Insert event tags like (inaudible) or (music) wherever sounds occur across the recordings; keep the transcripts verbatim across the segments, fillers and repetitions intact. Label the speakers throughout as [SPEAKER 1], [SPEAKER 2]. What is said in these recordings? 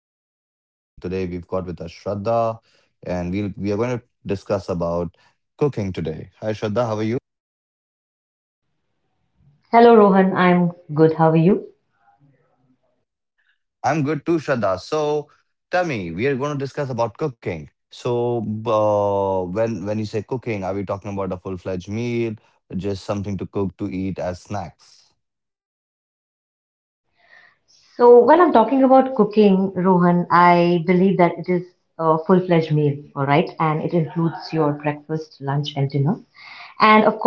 [SPEAKER 1] new podcast. And today we've got with us Shraddha, and we'll, we are going to discuss about cooking today. Hi, Shraddha. How are you?
[SPEAKER 2] Hello, Rohan. I'm good. How are you?
[SPEAKER 1] I'm good too, Shraddha. So tell me, we are going to discuss about cooking. So uh, when when you say cooking, are we talking about a full-fledged meal, just something to cook to eat as snacks?
[SPEAKER 2] So, when I'm talking about cooking, Rohan, I believe that it is a full fledged meal, all right? And it includes your breakfast, lunch, and dinner.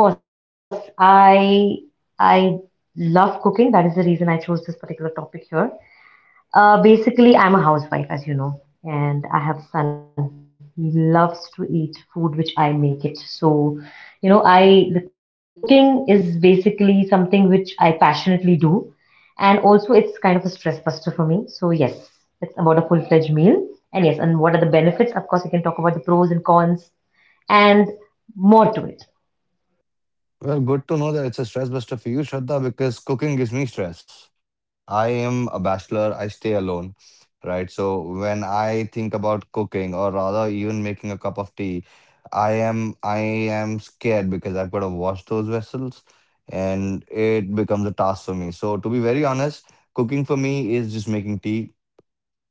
[SPEAKER 2] And of course, I I love cooking. That is the reason I chose this particular topic here. Uh, basically, I'm a housewife, as you know, and I have son. He loves to eat food which I make it. So, you know, I the cooking is basically something which I passionately do, and also it's kind of a stress buster for me. So yes, it's about a full-fledged meal. And yes, and what are the benefits? Of course, we can talk about the pros and cons and more to it.
[SPEAKER 1] Well, good to know that it's a stress buster for you, Shraddha, because cooking gives me stress. I am a bachelor, I stay alone, right? So when I think about cooking or rather even making a cup of tea, I am I am scared because I've got to wash those vessels and it becomes a task for me. So to be very honest, cooking for me is just making tea,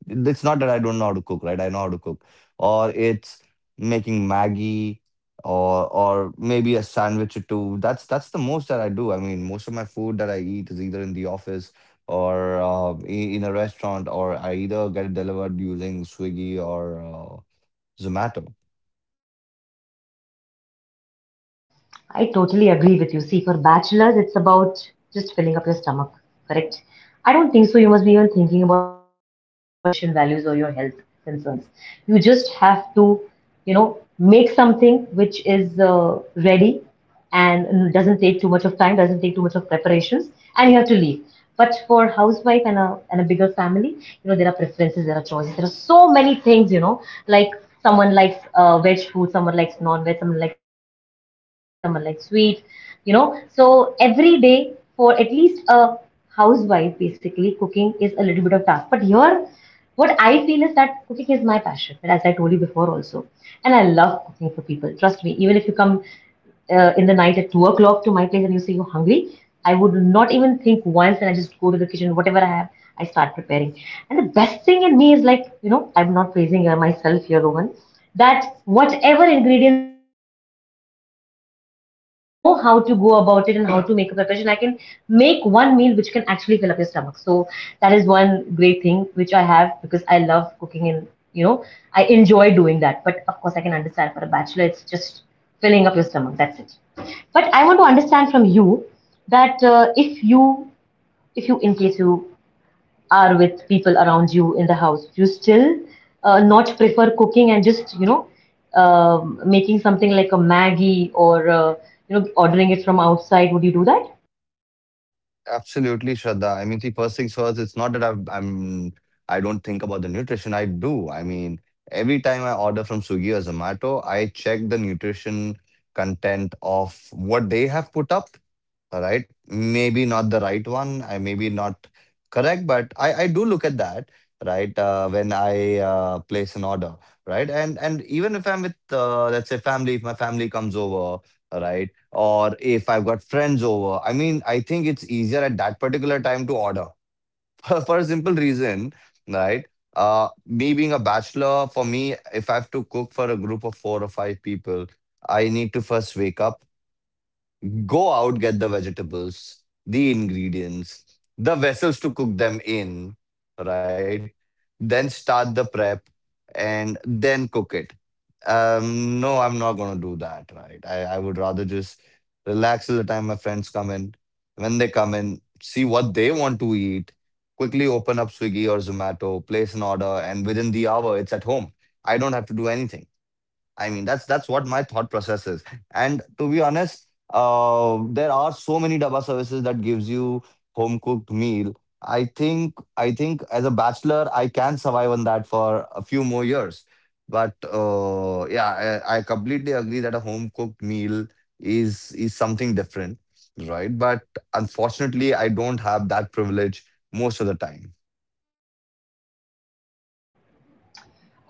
[SPEAKER 1] it's not that I don't know how to cook, right? I know how to cook. Or it's making Maggie or or maybe a sandwich or two. That's that's the most that I do. I mean, most of my food that I eat is either in the office or uh, i- in a restaurant, or I either get it delivered using Swiggy or uh, Zomato.
[SPEAKER 2] I totally agree with you. See, for bachelors, it's about just filling up your stomach, correct? I don't think so. You must be even thinking about any nutrition values or your health concerns. You just have to, you know, make something which is uh, ready and doesn't take too much of time, doesn't take too much of preparations, and you have to leave. But for housewife and a and a bigger family, you know, there are preferences, there are choices, there are so many things, you know, like someone likes uh, veg food, someone likes non-veg, someone likes spicy, someone likes sweet, you know. So every day for at least a housewife, basically cooking is a little bit of task. But here, what I feel is that cooking is my passion, and as I told you before also, and I love cooking for people. Trust me, even if you come uh, in the night at two o'clock to my place and you say you're hungry, I would not even think once and I just go to the kitchen, whatever I have, I start preparing. And the best thing in me is like, you know, I'm not praising uh, myself here, Rohan, that whatever ingredients are available, I know how to go about it and how to make a preparation. I can make one meal which can actually fill up your stomach. So that is one great thing which I have because I love cooking and you know I enjoy doing that. But of course, I can understand for a bachelor, it's just filling up your stomach, that's it. But I want to understand from you that uh, if you, if you, in case you are with people around you in the house, you still uh, not prefer cooking and just, you know, um making something like a maggie or uh, you know, ordering it from outside, would you do that?
[SPEAKER 1] Absolutely, Shraddha. I mean, see, first things first, it's not that I've, I'm, I don't think about the nutrition. I do. I mean, every time I order from Swiggy or Zomato, I check the nutrition content of what they have put up. All right, maybe not the right one I maybe not correct, but i i do look at that, right? Uh, when i uh, place an order, right? And and even if I'm with uh, let's say family, if my family comes over, right? Or if I've got friends over, I mean, I think it's easier at that particular time to order (laughs) for for a simple reason, right? Uh me being a bachelor, for me, if I have to cook for a group of four or five people, I need to first wake up. Go out, get the vegetables, the ingredients, the vessels to cook them in, right? Then start the prep and then cook it. Um, no, I'm not gonna do that, right? I, I would rather just relax till the time my friends come in. When they come in, see what they want to eat, quickly open up Swiggy or Zomato, place an order, and within the hour it's at home. I don't have to do anything. I mean, that's that's what my thought process is. And to be honest, uh, there are so many daba services that gives you home cooked meal. I think I think as a bachelor, I can survive on that for a few more years. But uh, yeah, I, I completely agree that a home cooked meal is is something different, right? But unfortunately, I don't have that privilege most of the time.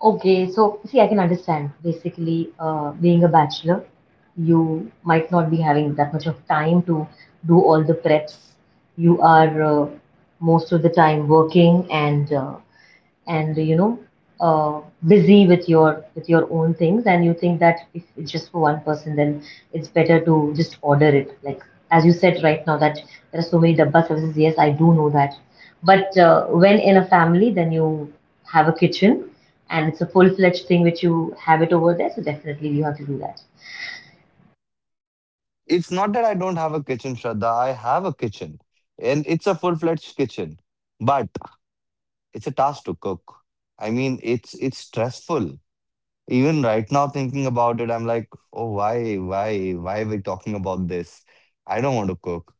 [SPEAKER 2] Okay, so see, I can understand. Basically, uh, being a bachelor, you might not be having that much of time to do all the preps. You are uh, most of the time working and uh, and you know, uh, busy with your with your own things and you think that if it's just for one person, then it's better to just order it like as you said right now that there are so many dabba services. Yes, I do know that, but uh, when in a family, then you have a kitchen and it's a full-fledged thing which you have it over there, so definitely you have to do that.
[SPEAKER 1] It's not that I don't have a kitchen, Shraddha. I have a kitchen, and it's a full-fledged kitchen, but it's a task to cook. I mean, it's it's stressful. Even right now, thinking about it, I'm like, oh, why, why, why are we talking about this? I don't want to cook,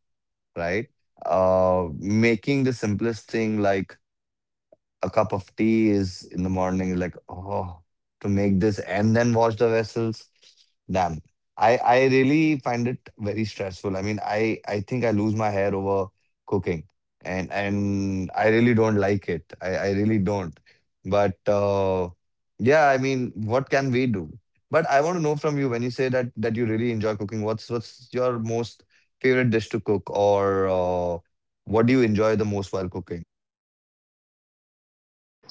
[SPEAKER 1] right? Uh, making the simplest thing like a cup of tea is in the morning like, oh, to make this and then wash the vessels. Damn. I, I really find it very stressful. I mean, I, I think I lose my hair over cooking, and and I really don't like it. I, I really don't. But uh, yeah, I mean, what can we do? But I want to know from you, when you say that that you really enjoy cooking, what's what's your most favorite dish to cook, or uh, what do you enjoy the most while cooking?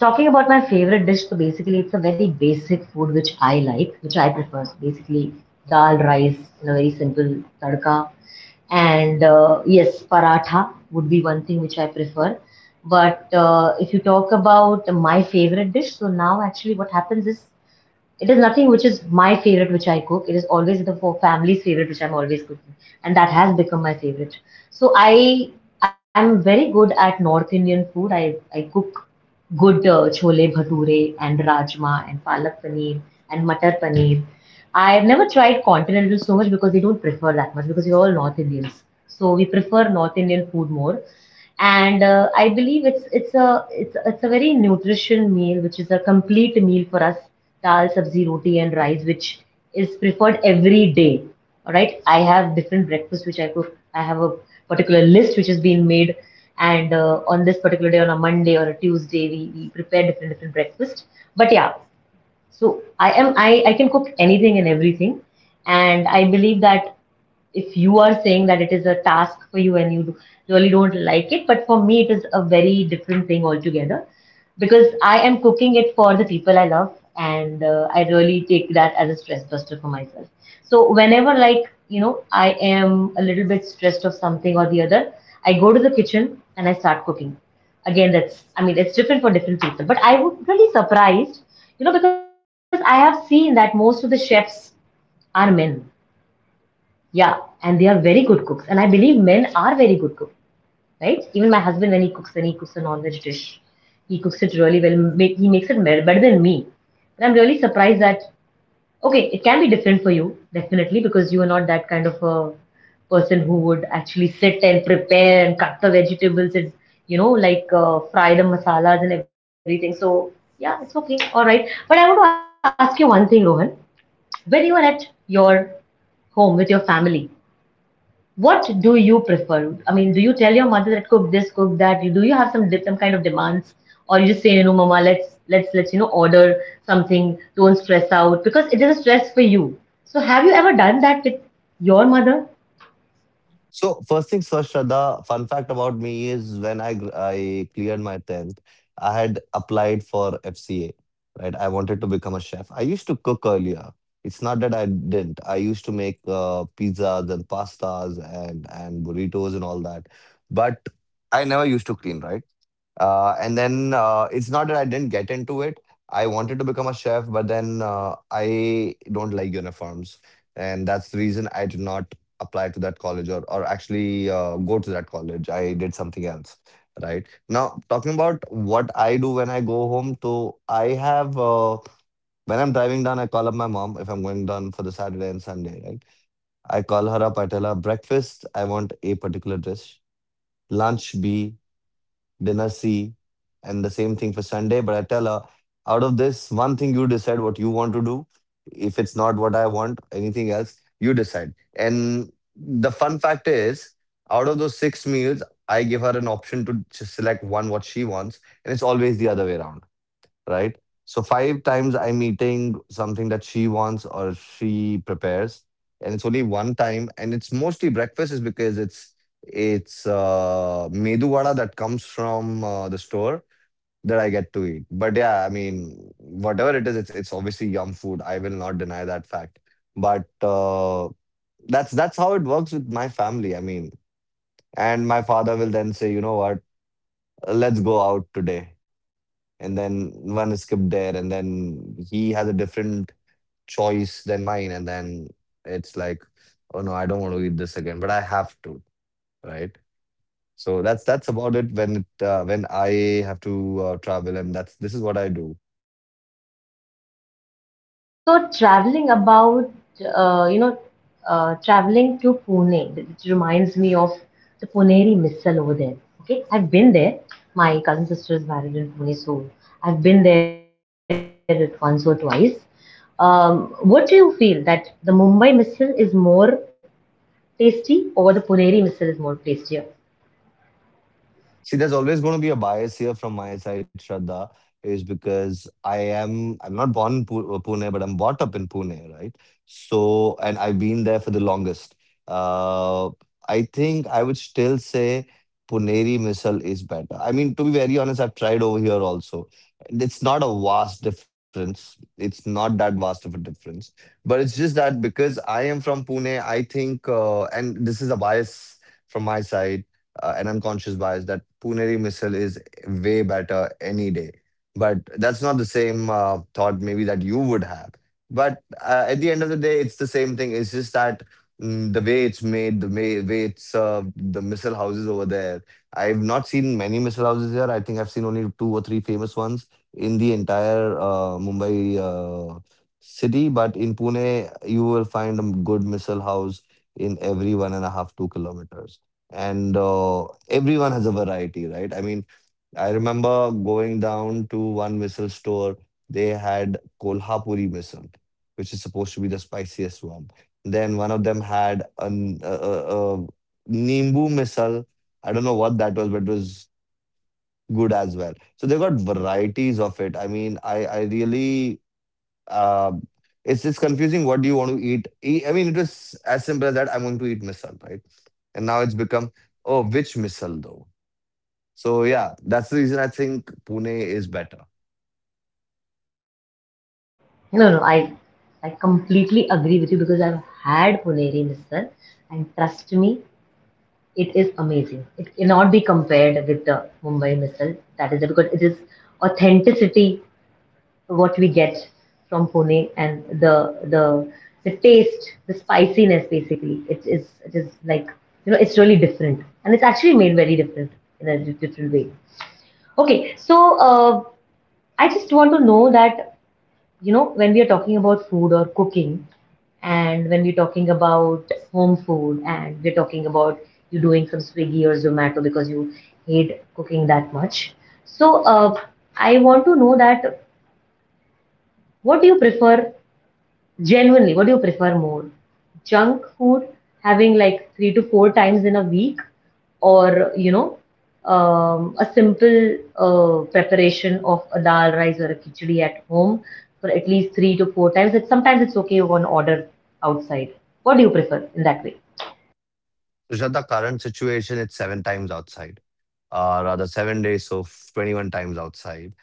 [SPEAKER 2] Talking about my favorite dish, so basically it's a very basic food which I like, which I prefer. So basically, dal, rice, and a very simple tadka. And uh, yes, paratha would be one thing which I prefer. But uh, if you talk about my favorite dish, so now actually what happens is it is nothing which is my favorite which I cook. It is always the for family's favorite which I'm always cooking, and that has become my favorite. So I I'm very good at North Indian food. I I cook good uh, chole bhature and rajma and palak paneer and matar paneer. I've never tried continental so much because they don't prefer that much because we're all North Indians. So we prefer North Indian food more. And uh, I believe it's it's a it's it's a very nutrition meal, which is a complete meal for us. Dal, sabzi, roti, and rice, which is preferred every day. All right. I have different breakfasts which I cook. I have a particular list which has been made, and uh, on this particular day, on a Monday or a Tuesday, we, we prepare different different breakfasts. But yeah, so i am i, I can cook anything and everything and I believe that if you are saying that it is a task for you and you really don't like it, but for me it is a very different thing altogether because I am cooking it for the people I love, and uh, I really take that as a stress buster for myself. So whenever, like, you know, I am a little bit stressed of something or the other, I go to the kitchen and I start cooking. Again, that's, I mean, it's different for different people, but I would really surprised, you know, because I have seen that most of the chefs are men, yeah, and they are very good cooks. And I believe men are very good cooks, right? Even my husband, when he cooks, when he cooks a non-veg dish, he cooks it really well. Make, he makes it me- better than me. And I'm really surprised that, okay, it can be different for you, definitely, because you are not that kind of a person who would actually sit and prepare and cut the vegetables and, you know, like uh, fry the masalas and everything. So, yeah, it's okay. All right. But I want to ask you one thing, Rohan. When you are at your home with your family, what do you prefer? I mean, do you tell your mother that cook this, cook that? Do you have some some kind of demands, or you just say, you know, Mama, let's let's let's you know order something. Don't stress out because it is a stress for you. So, have you ever done that with your mother?
[SPEAKER 1] So first things first, Shraddha, fun fact about me is when I gr- I cleared my tenth, I had applied for F C A, right? I wanted to become a chef. I used to cook earlier. It's not that I didn't. I used to make uh, pizzas and pastas and and burritos and all that, but I never used to clean, right? Uh, and then uh, It's not that I didn't get into it. I wanted to become a chef, but then uh, I don't like uniforms, and that's the reason I did not apply to that college, or or actually uh, go to that college. I did something else. Right now, talking about what I do when I go home, so I have uh, when I'm driving down, I call up my mom if I'm going down for the Saturday and Sunday. Right, I call her up. I tell her breakfast. I want a particular dish. Lunch B, dinner C, and the same thing for Sunday. But I tell her, out of this, one thing you decide what you want to do. If it's not what I want, anything else, you decide. And the fun fact is, out of those six meals, I give her an option to just select one what she wants, and it's always the other way around, right? So five times I'm eating something that she wants or she prepares, and it's only one time, and it's mostly breakfast, is because it's it's uh, medu vada that comes from uh, the store that I get to eat. But yeah, I mean, whatever it is, it's it's obviously yum food. I will not deny that fact. But uh, that's that's how it works with my family. I mean, and my father will then say, you know what, let's go out today, and then one skip there, and then he has a different choice than mine, and then it's like, oh no, I don't want to eat this again, but I have to, right? So that's that's about it when it uh, when I have to uh, travel, and that's this is what I do.
[SPEAKER 2] So, so traveling about, uh, you know, uh, traveling to Pune, which reminds me of the Puneri Missal over there. Okay, I've been there. My cousin sister is married in Pune, so I've been there at once or twice. Um, what do you feel that the Mumbai Missal is more tasty or the Puneri Missal is more tastier?
[SPEAKER 1] See, there's always going to be a bias here from my side, Shraddha, is because I am I'm not born in Pu- uh, Pune, but I'm brought up in Pune, right? So, and I've been there for the longest. Uh, I think I would still say Puneri misal is better. I mean, to be very honest, I've tried over here also. And it's not a vast difference. It's not that vast of a difference, but it's just that because I am from Pune, I think, uh, and this is a bias from my side, uh, an unconscious bias that Puneri missile is way better any day. But that's not the same uh, thought maybe that you would have. But uh, at the end of the day, it's the same thing. It's just that mm, the way it's made, the way, way it's served, the missile houses over there. I've not seen many missile houses here. I think I've seen only two or three famous ones in the entire uh, Mumbai uh, city. But in Pune, you will find a good missile house in every one and a half, two kilometers, and uh, everyone has a variety, right? I mean, I remember going down to one missile store. They had Kolhapuri missile, which is supposed to be the spiciest one. Then one of them had an a, a, a Nimbu missile. I don't know what that was, but it was good as well. So they got varieties of it. I mean, I I really uh, it's it's confusing. What do you want to eat? E- I mean, it was as simple as that. I'm going to eat missile, right? And now it's become, oh, which missile though? So yeah, that's the reason I think Pune is better.
[SPEAKER 2] No, no, I I completely agree with you because I've had Puneri Missal, and trust me, it is amazing. It cannot be compared with the Mumbai Missile. That is it because it is authenticity what we get from Pune and the the the taste, the spiciness basically. It is, it is like, you know, it's really different and it's actually made very different in a di- different way. Okay, so uh, I just want to know that, you know, when we are talking about food or cooking and when we're talking about home food and we're talking about you doing some swiggy or zomato because you hate cooking that much. So uh, I want to know that what do you prefer? Genuinely, what do you prefer more? Junk food having like three to four times in a week, or, you know, um, a simple uh, preparation of a dal rice or a khichdi at home for at least three to four times. It, sometimes it's okay, you can order outside. What do you prefer in that way?
[SPEAKER 1] Rishad, the current situation, it's seven times outside, uh, rather seven days, so f- twenty-one times outside,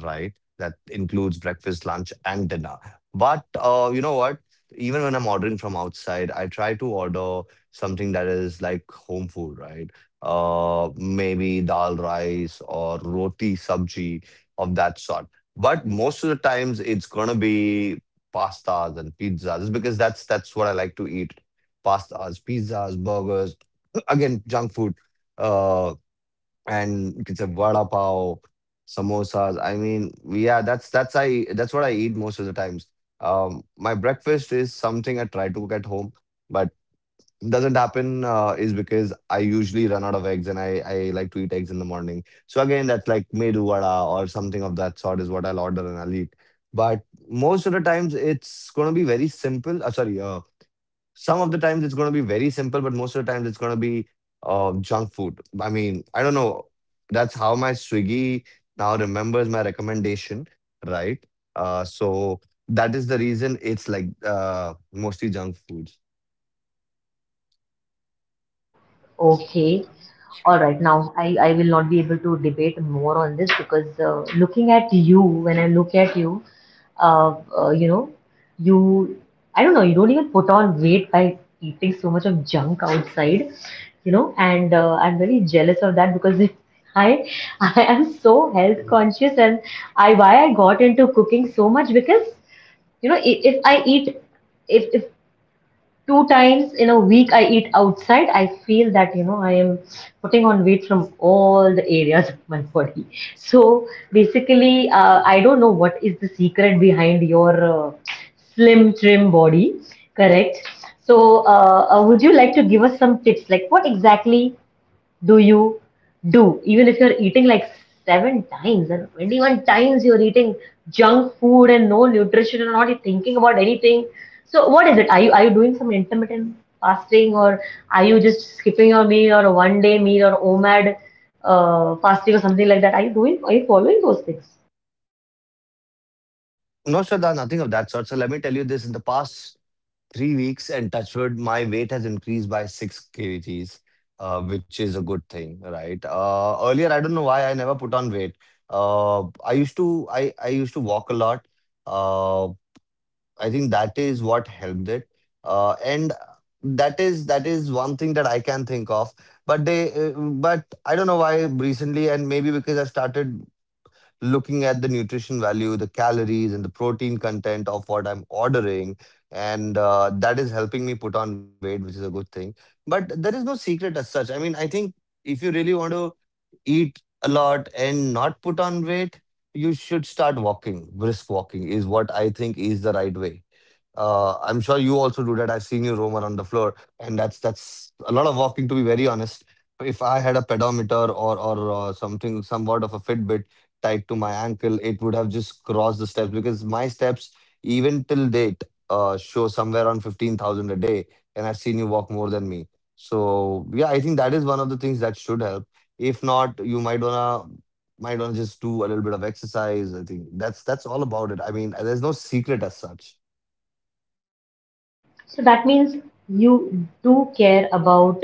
[SPEAKER 1] right? That includes breakfast, lunch, and dinner. But uh, you know what? Even when I'm ordering from outside, I try to order something that is like home food, right? Uh, maybe dal rice or roti sabji of that sort. But most of the times, it's gonna be pastas and pizzas, just because that's that's what I like to eat, pastas, pizzas, burgers, (clears throat) again, junk food, uh, and you can say vada pav, samosas. I mean, yeah, that's that's I that's what I eat most of the times. Um, my breakfast is something I try to cook at home, but doesn't happen, uh, is because I usually run out of eggs and I, I like to eat eggs in the morning. So again, that's like medu vada or something of that sort is what I'll order and I'll eat. But most of the times, it's going to be very simple. Uh, sorry, uh, some of the times it's gonna be very simple, but most of the times it's gonna be uh, junk food. I mean, I don't know. That's how my Swiggy now remembers my recommendation, right? Uh, so that is the reason it's like uh, mostly junk foods.
[SPEAKER 2] Okay. All right. Now, I, I will not be able to debate more on this because uh, looking at you, when I look at you, uh, uh, you know, you, I don't know, you don't even put on weight by eating so much of junk outside, you know, and uh, I'm very jealous of that because (laughs) I, I am so health conscious, and I, why I got into cooking so much because, you know, i- if I eat, if, if two times in a week I eat outside, I feel that, you know, I am putting on weight from all the areas (laughs) of my body. So basically, uh, I don't know what is the secret behind your uh, slim trim body, correct? So uh, uh, would you like to give us some tips, like what exactly do you do? Even if you're eating like seven times and twenty-one times you're eating junk food and no nutrition and not thinking about anything. So what is it? Are you, are you doing some intermittent fasting, or are you just skipping your meal or a one day meal or O M A D uh, fasting or something like that? Are you doing? Are you following those things?
[SPEAKER 1] No, Shraddha, nothing of that sort. So let me tell you, this in the past three weeks, and touch wood, my weight has increased by six kgs, uh, which is a good thing, right? Uh, earlier, I don't know why I never put on weight. Uh, I used to, I, I used to walk a lot. Uh, I think that is what helped it. Uh, and that is that is one thing that I can think of. But they, uh, but I don't know why recently, and maybe because I've started looking at the nutrition value, the calories, and the protein content of what I'm ordering, and uh, that is helping me put on weight, which is a good thing. But there is no secret as such. I mean, I think if you really want to eat a lot and not put on weight, you should start walking. Brisk walking is what I think is the right way. Uh, I'm sure you also do that. I've seen you roam around the floor, and that's that's a lot of walking, to be very honest. If I had a pedometer or or uh, something, somewhat of a Fitbit tied to my ankle, it would have just crossed the steps, because my steps, even till date, uh, show somewhere around fifteen thousand a day, and I've seen you walk more than me. So yeah, I think that is one of the things that should help. If not, you might wanna might wanna just do a little bit of exercise. I think that's that's all about it. I mean, there's no secret as such.
[SPEAKER 2] So that means you do care about,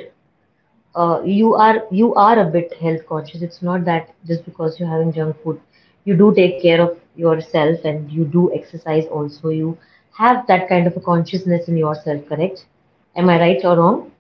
[SPEAKER 2] uh, you are, you are a bit health conscious. It's not that just because you're having junk food, you do take care of yourself and you do exercise. Also, you have that kind of a consciousness in yourself. Correct? Am I right or wrong?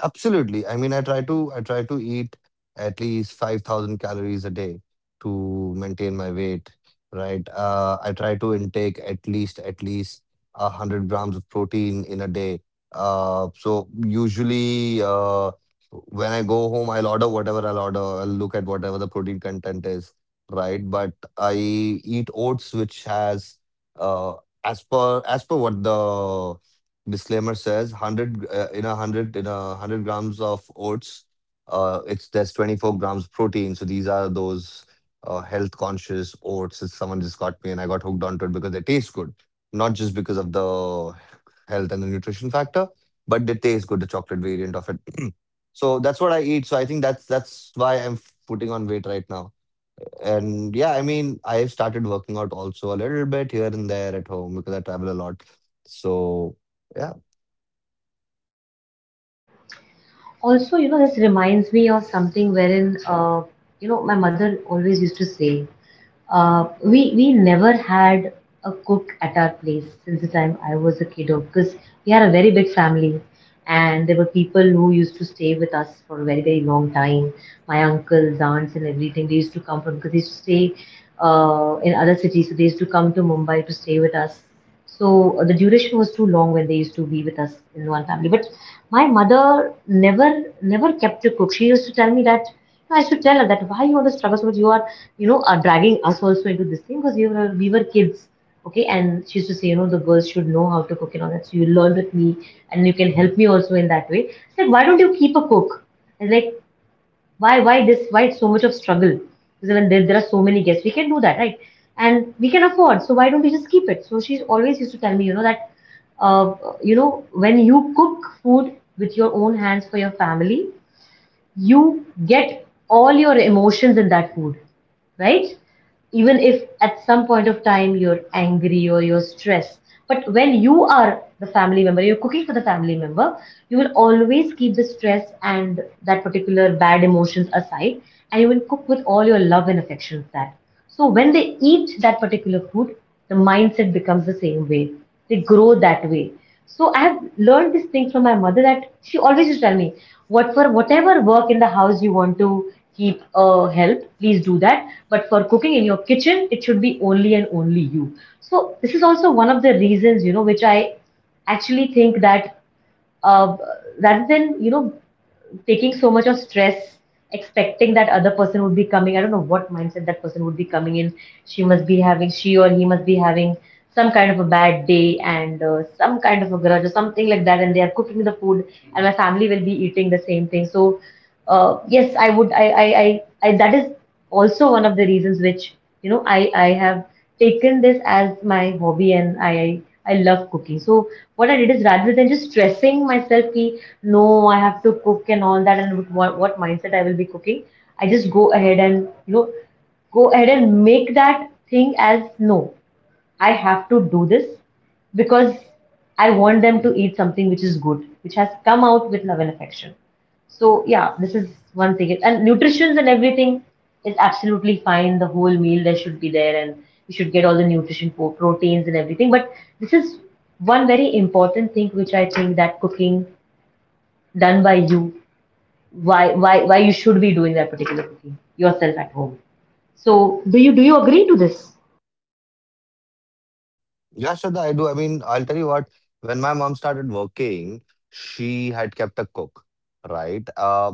[SPEAKER 1] Absolutely. I mean, I try to I try to eat at least five thousand calories a day to maintain my weight, right? Uh, I try to intake at least at least one hundred grams of protein in a day. Uh, so usually, uh, when I go home, I'll order whatever I'll order. I'll look at whatever the protein content is, right? But I eat oats, which has, uh, as per as per what the disclaimer says, one hundred, uh, in a one hundred in a one hundred grams of oats, uh, it's there's twenty-four grams protein. So these are those uh, health conscious oats that Someone just got me, and I got hooked onto it because they taste good, not just because of the health and the nutrition factor, but they taste good. The chocolate variant of it. (clears throat) So that's what I eat. So I think that's that's why I'm f- putting on weight right now. And yeah, I mean, I have started working out also a little bit here and there at home, because I travel a lot. So yeah.
[SPEAKER 2] Also, you know, this reminds me of something wherein, uh, you know, my mother always used to say, uh, we we never had a cook at our place since the time I was a kiddo because we had a very big family, and there were people who used to stay with us for a very very long time. My uncles, aunts, and everything, they used to come from because they used to stay uh, in other cities, so they used to come to Mumbai to stay with us, so uh, the duration was too long when they used to be with us in one family. But my mother never never kept a cook. She used to tell me that I used to tell her that why you are the struggle so much. You are, you know, are dragging us also into this thing because we were we were kids. Okay, and she used to say, you know, the girls should know how to cook and all that. So you learn with me, and you can help me also in that way. It's like, why don't you keep a cook? And like, why why this why so much of struggle? Because when there, there are so many guests, we can do that, right? And we can afford, so why don't we just keep it? So she's always used to tell me, you know, that uh, you know, when you cook food with your own hands for your family, you get all your emotions in that food, right? Even if at some point of time you're angry or you're stressed. But when you are the family member, you're cooking for the family member, you will always keep the stress and that particular bad emotions aside, and you will cook with all your love and affection for that. So when they eat that particular food, the mindset becomes the same way, they grow that way. So I have learned this thing from my mother, that she always used to tell me what for whatever work in the house you want to keep a help, please do that, but for cooking in your kitchen, it should be only and only you. So this is also one of the reasons, you know, which I actually think that, uh, rather than, you know, taking so much of stress, expecting that other person would be coming, I don't know what mindset that person would be coming in. She must be having, she or he must be having some kind of a bad day and uh, some kind of a grudge or something like that, and they are cooking the food and my family will be eating the same thing. So uh, yes, I would, I, I i i that is also one of the reasons which, you know, I I have taken this as my hobby, and I I I love cooking. So what I did is, rather than just stressing myself ki no I have to cook and all that, and with what, what mindset I will be cooking, I just go ahead and, you know, go ahead and make that thing as no, I have to do this, because I want them to eat something which is good, which has come out with love and affection. So yeah, this is one thing. And nutrition and everything is absolutely fine. The whole meal there should be there, and you should get all the nutrition for proteins and everything. But this is one very important thing which I think, that cooking done by you, why why why you should be doing that particular cooking yourself at home. So do you do you agree to this?
[SPEAKER 1] Yeah, Shraddha, I do. I mean, I'll tell you what, when my mom started working, she had kept a cook, right? Uh,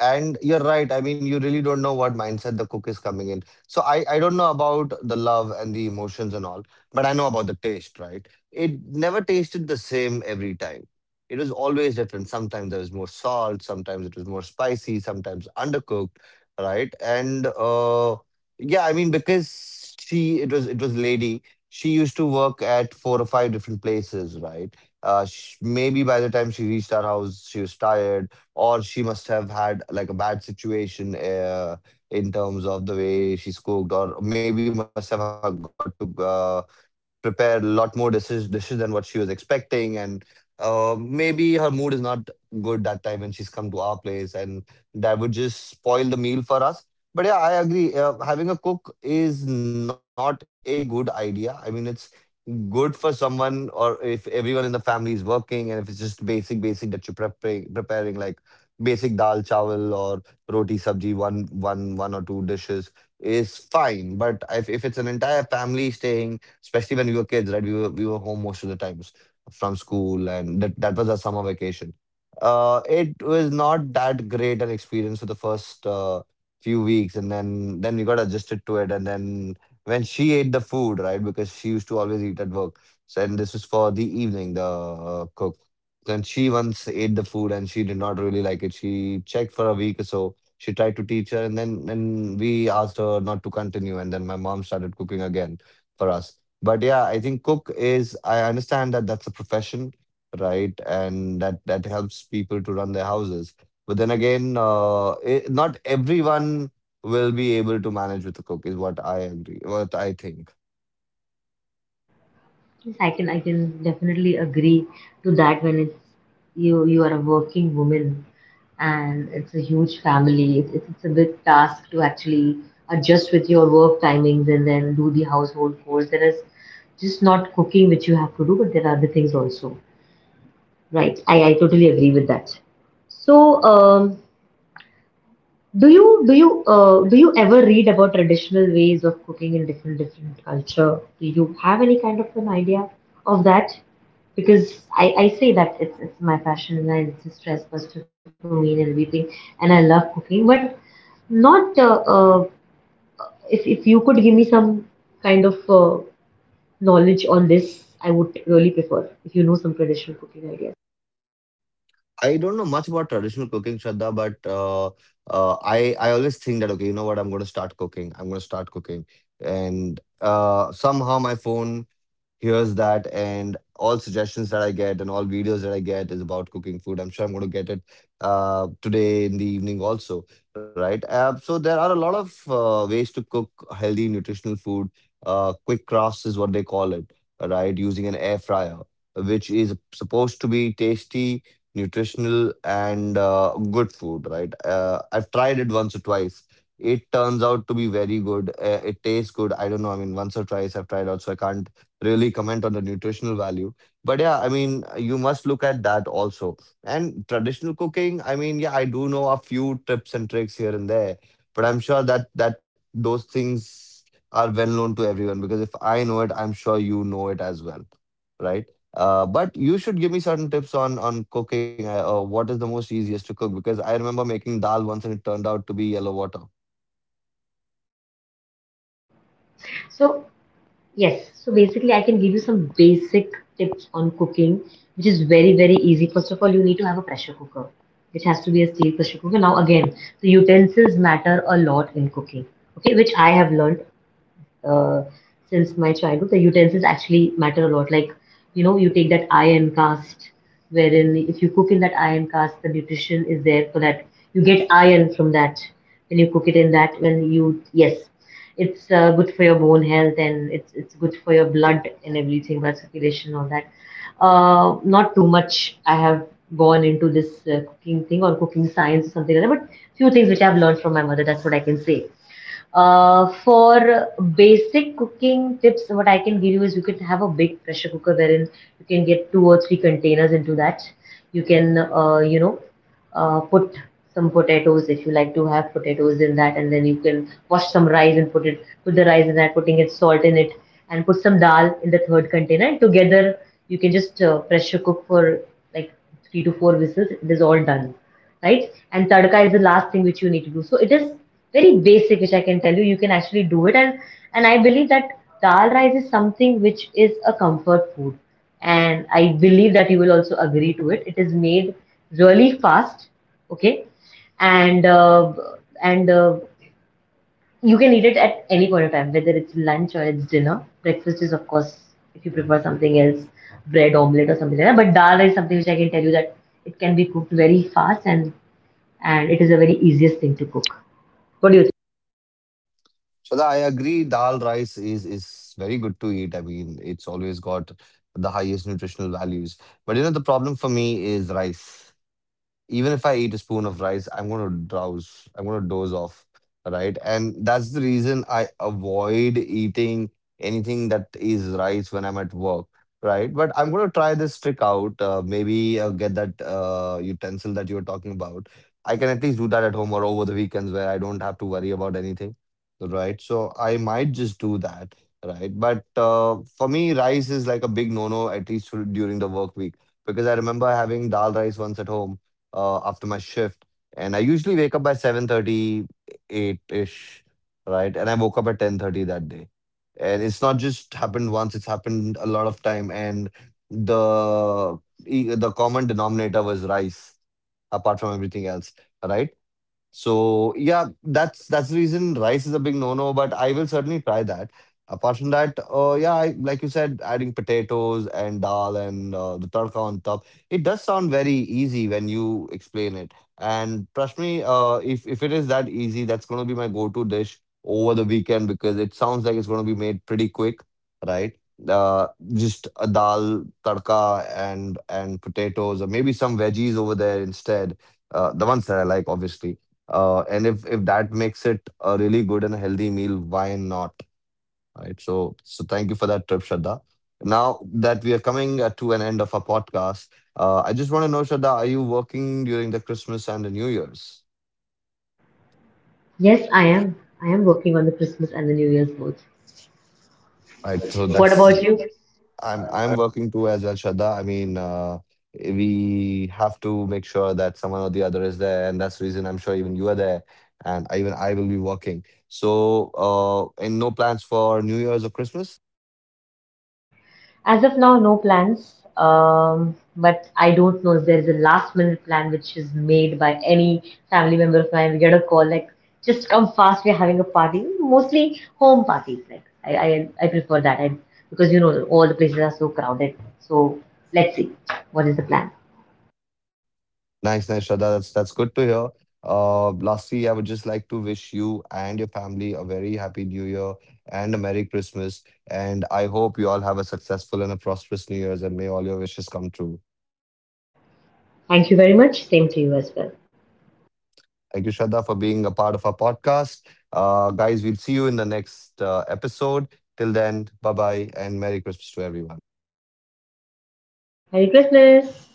[SPEAKER 1] And you're right. I mean, you really don't know what mindset the cook is coming in. So I, I don't know about the love and the emotions and all, but I know about the taste, right? It never tasted the same every time. It was always different. Sometimes there was more salt, sometimes it was more spicy, sometimes undercooked, right? And uh, yeah, I mean, because she, it was, it was lady, she used to work at four or five different places, right? Uh, sh Maybe by the time she reached our house, she was tired, or she must have had like a bad situation, uh, in terms of the way she's cooked, or maybe must have got to uh, prepare a lot more dishes dishes than what she was expecting, and uh, maybe her mood is not good that time when she's come to our place, and that would just spoil the meal for us. But yeah, I agree, uh, having a cook is not a good idea. I mean, it's good for someone, or if everyone in the family is working and if it's just basic basic that you're preparing preparing like basic dal chawal or roti sabji, one one one or two dishes is fine. But if, if it's an entire family staying, especially when we were kids, right? We were we were home most of the times from school, and that that was our summer vacation. Uh, it was not that great an experience for the first uh, few weeks, and then then we got adjusted to it, and then when she ate the food, right? Because she used to always eat at work. So, and this is for the evening, the uh, cook. Then she once ate the food and she did not really like it. She checked for a week or so. She tried to teach her, and then then we asked her not to continue. And then my mom started cooking again for us. But yeah, I think cook is, I understand that that's a profession, right? And that that helps people to run their houses. But then again, uh, it, not everyone will be able to manage with a cook, is what I agree, what I think.
[SPEAKER 2] Yes, I can, I can definitely agree to that. When it's, you you are a working woman and it's a huge family, it's, it's, it's a big task to actually adjust with your work timings and then do the household chores. There is just not cooking which you have to do, but there are other things also. Right. I, I totally agree with that. So um do you do you uh, do you ever read about traditional ways of cooking in different different culture? Do you have any kind of an idea of that? Because I, I say that it's it's my passion and I, it's a stress buster for me and everything, and I love cooking. But not uh, uh, if if you could give me some kind of uh, knowledge on this, I would really prefer if you know some traditional cooking ideas.
[SPEAKER 1] I don't know much about traditional cooking, Shraddha, but uh, uh, I I always think that, okay, you know what? I'm going to start cooking. I'm going to start cooking, and uh, somehow my phone hears that, and all suggestions that I get and all videos that I get is about cooking food. I'm sure I'm going to get it uh, today in the evening also, right? Uh, so there are a lot of uh, ways to cook healthy, nutritional food. Uh, quick crafts is what they call it, right? Using an air fryer, which is supposed to be tasty, nutritional, and uh, good food, right? Uh, I've tried it once or twice. It turns out to be very good. Uh, it tastes good. I don't know. I mean, once or twice I've tried out, so I can't really comment on the nutritional value. But yeah, I mean, you must look at that also. And traditional cooking, I mean, yeah, I do know a few tips and tricks here and there, but I'm sure that that those things are well known to everyone, because if I know it, I'm sure you know it as well, right? Uh, but you should give me certain tips on on cooking. Uh, uh, what is the most easiest to cook? Because I remember making dal once and it turned out to be yellow water.
[SPEAKER 2] So yes, so basically, I can give you some basic tips on cooking, which is very, very easy. First of all, you need to have a pressure cooker, which has to be a steel pressure cooker. Now, again, the utensils matter a lot in cooking, okay, which I have learned uh, since my childhood, the utensils actually matter a lot. Like, you know, you take that iron cast, wherein if you cook in that iron cast, the nutrition is there for that. You get iron from that when you cook it in that. When you, yes, it's uh, good for your bone health and it's it's good for your blood and everything, blood circulation, all that. Uh, not too much I have gone into this uh, cooking thing or cooking science or something like that, but few things which I've learned from my mother. That's what I can say. Uh, for basic cooking tips, what I can give you is you can have a big pressure cooker wherein you can get two or three containers into that. You can, uh, you know, uh, put some potatoes if you like to have potatoes in that, and then you can wash some rice and put it, put the rice in that, putting it salt in it, and put some dal in the third container. And together, you can just uh, pressure cook for like three to four whistles. It is all done, right? And tadka is the last thing which you need to do. So it is very basic, which I can tell you. You can actually do it, and and I believe that dal rice is something which is a comfort food, and I believe that you will also agree to it. It is made really fast, okay, and uh, and uh, you can eat it at any point of time, whether it's lunch or it's dinner. Breakfast, is of course, if you prefer something else, bread omelette or something like that. But dal is something which I can tell you that it can be cooked very fast and and it is a very easiest thing to cook. What do you think?
[SPEAKER 1] So I agree, dal rice is is very good to eat. I mean, it's always got the highest nutritional values. But you know, the problem for me is rice. Even if I eat a spoon of rice, I'm gonna drowse. I'm gonna doze off, right? And that's the reason I avoid eating anything that is rice when I'm at work, right? But I'm gonna try this trick out. Uh, maybe uh, get that uh, utensil that you were talking about. I can at least do that at home or over the weekends where I don't have to worry about anything, right? So I might just do that, right? But uh, for me, rice is like a big no-no, at least for- during the work week, because I remember having dal rice once at home uh, after my shift, and I usually wake up by seven thirty, eight ish, right? And I woke up at ten thirty that day. And it's not just happened once, it's happened a lot of time. And the e- the common denominator was rice, apart from everything else, right? So yeah, that's that's the reason rice is a big no-no, but I will certainly try that. Apart from that, uh, yeah, I, like you said, adding potatoes and dal and uh, the tadka on top, it does sound very easy when you explain it. And trust me, uh, if if it is that easy, that's going to be my go-to dish over the weekend, because it sounds like it's going to be made pretty quick, right? Uh, just a dal, tadka, and and potatoes, or maybe some veggies over there instead. Uh, the ones that I like, obviously, uh, and if if that makes it a really good and healthy meal, why not? Right. So so thank you for that trip, Shraddha. Now that we are coming uh, to an end of our podcast, uh, I just want to know, Shraddha, are you working during the Christmas and the New Year's?
[SPEAKER 2] Yes, I am. I am working on the Christmas and the New Year's both.
[SPEAKER 1] Right. So
[SPEAKER 2] What
[SPEAKER 1] that's—
[SPEAKER 2] about you?
[SPEAKER 1] I'm I'm working too as well, Shraddha. I mean, uh, we have to make sure that someone or the other is there, and that's the reason I'm sure even you are there, and even I will be working. So, uh, and no plans for New Year's or Christmas?
[SPEAKER 2] As of now, no plans. Um, but I don't know if there is a last minute plan which is made by any family member of mine. We get a call like, just come fast, we're having a party. Mostly home parties. Like I, I, I prefer that. I, because you know all the places are so crowded. So let's see what is the plan.
[SPEAKER 1] Nice, nice, Shraddha. That's that's good to hear. Uh, lastly, I would just like to wish you and your family a very happy New Year and a Merry Christmas. And I hope you all have a successful and a prosperous New Year's, and may all your wishes come true.
[SPEAKER 2] Thank you very much. Same to you as well.
[SPEAKER 1] Thank you, Shraddha, for being a part of our podcast. Uh, guys, we'll see you in the next uh, episode. Till then, bye bye, and Merry Christmas to everyone.
[SPEAKER 2] Merry Christmas.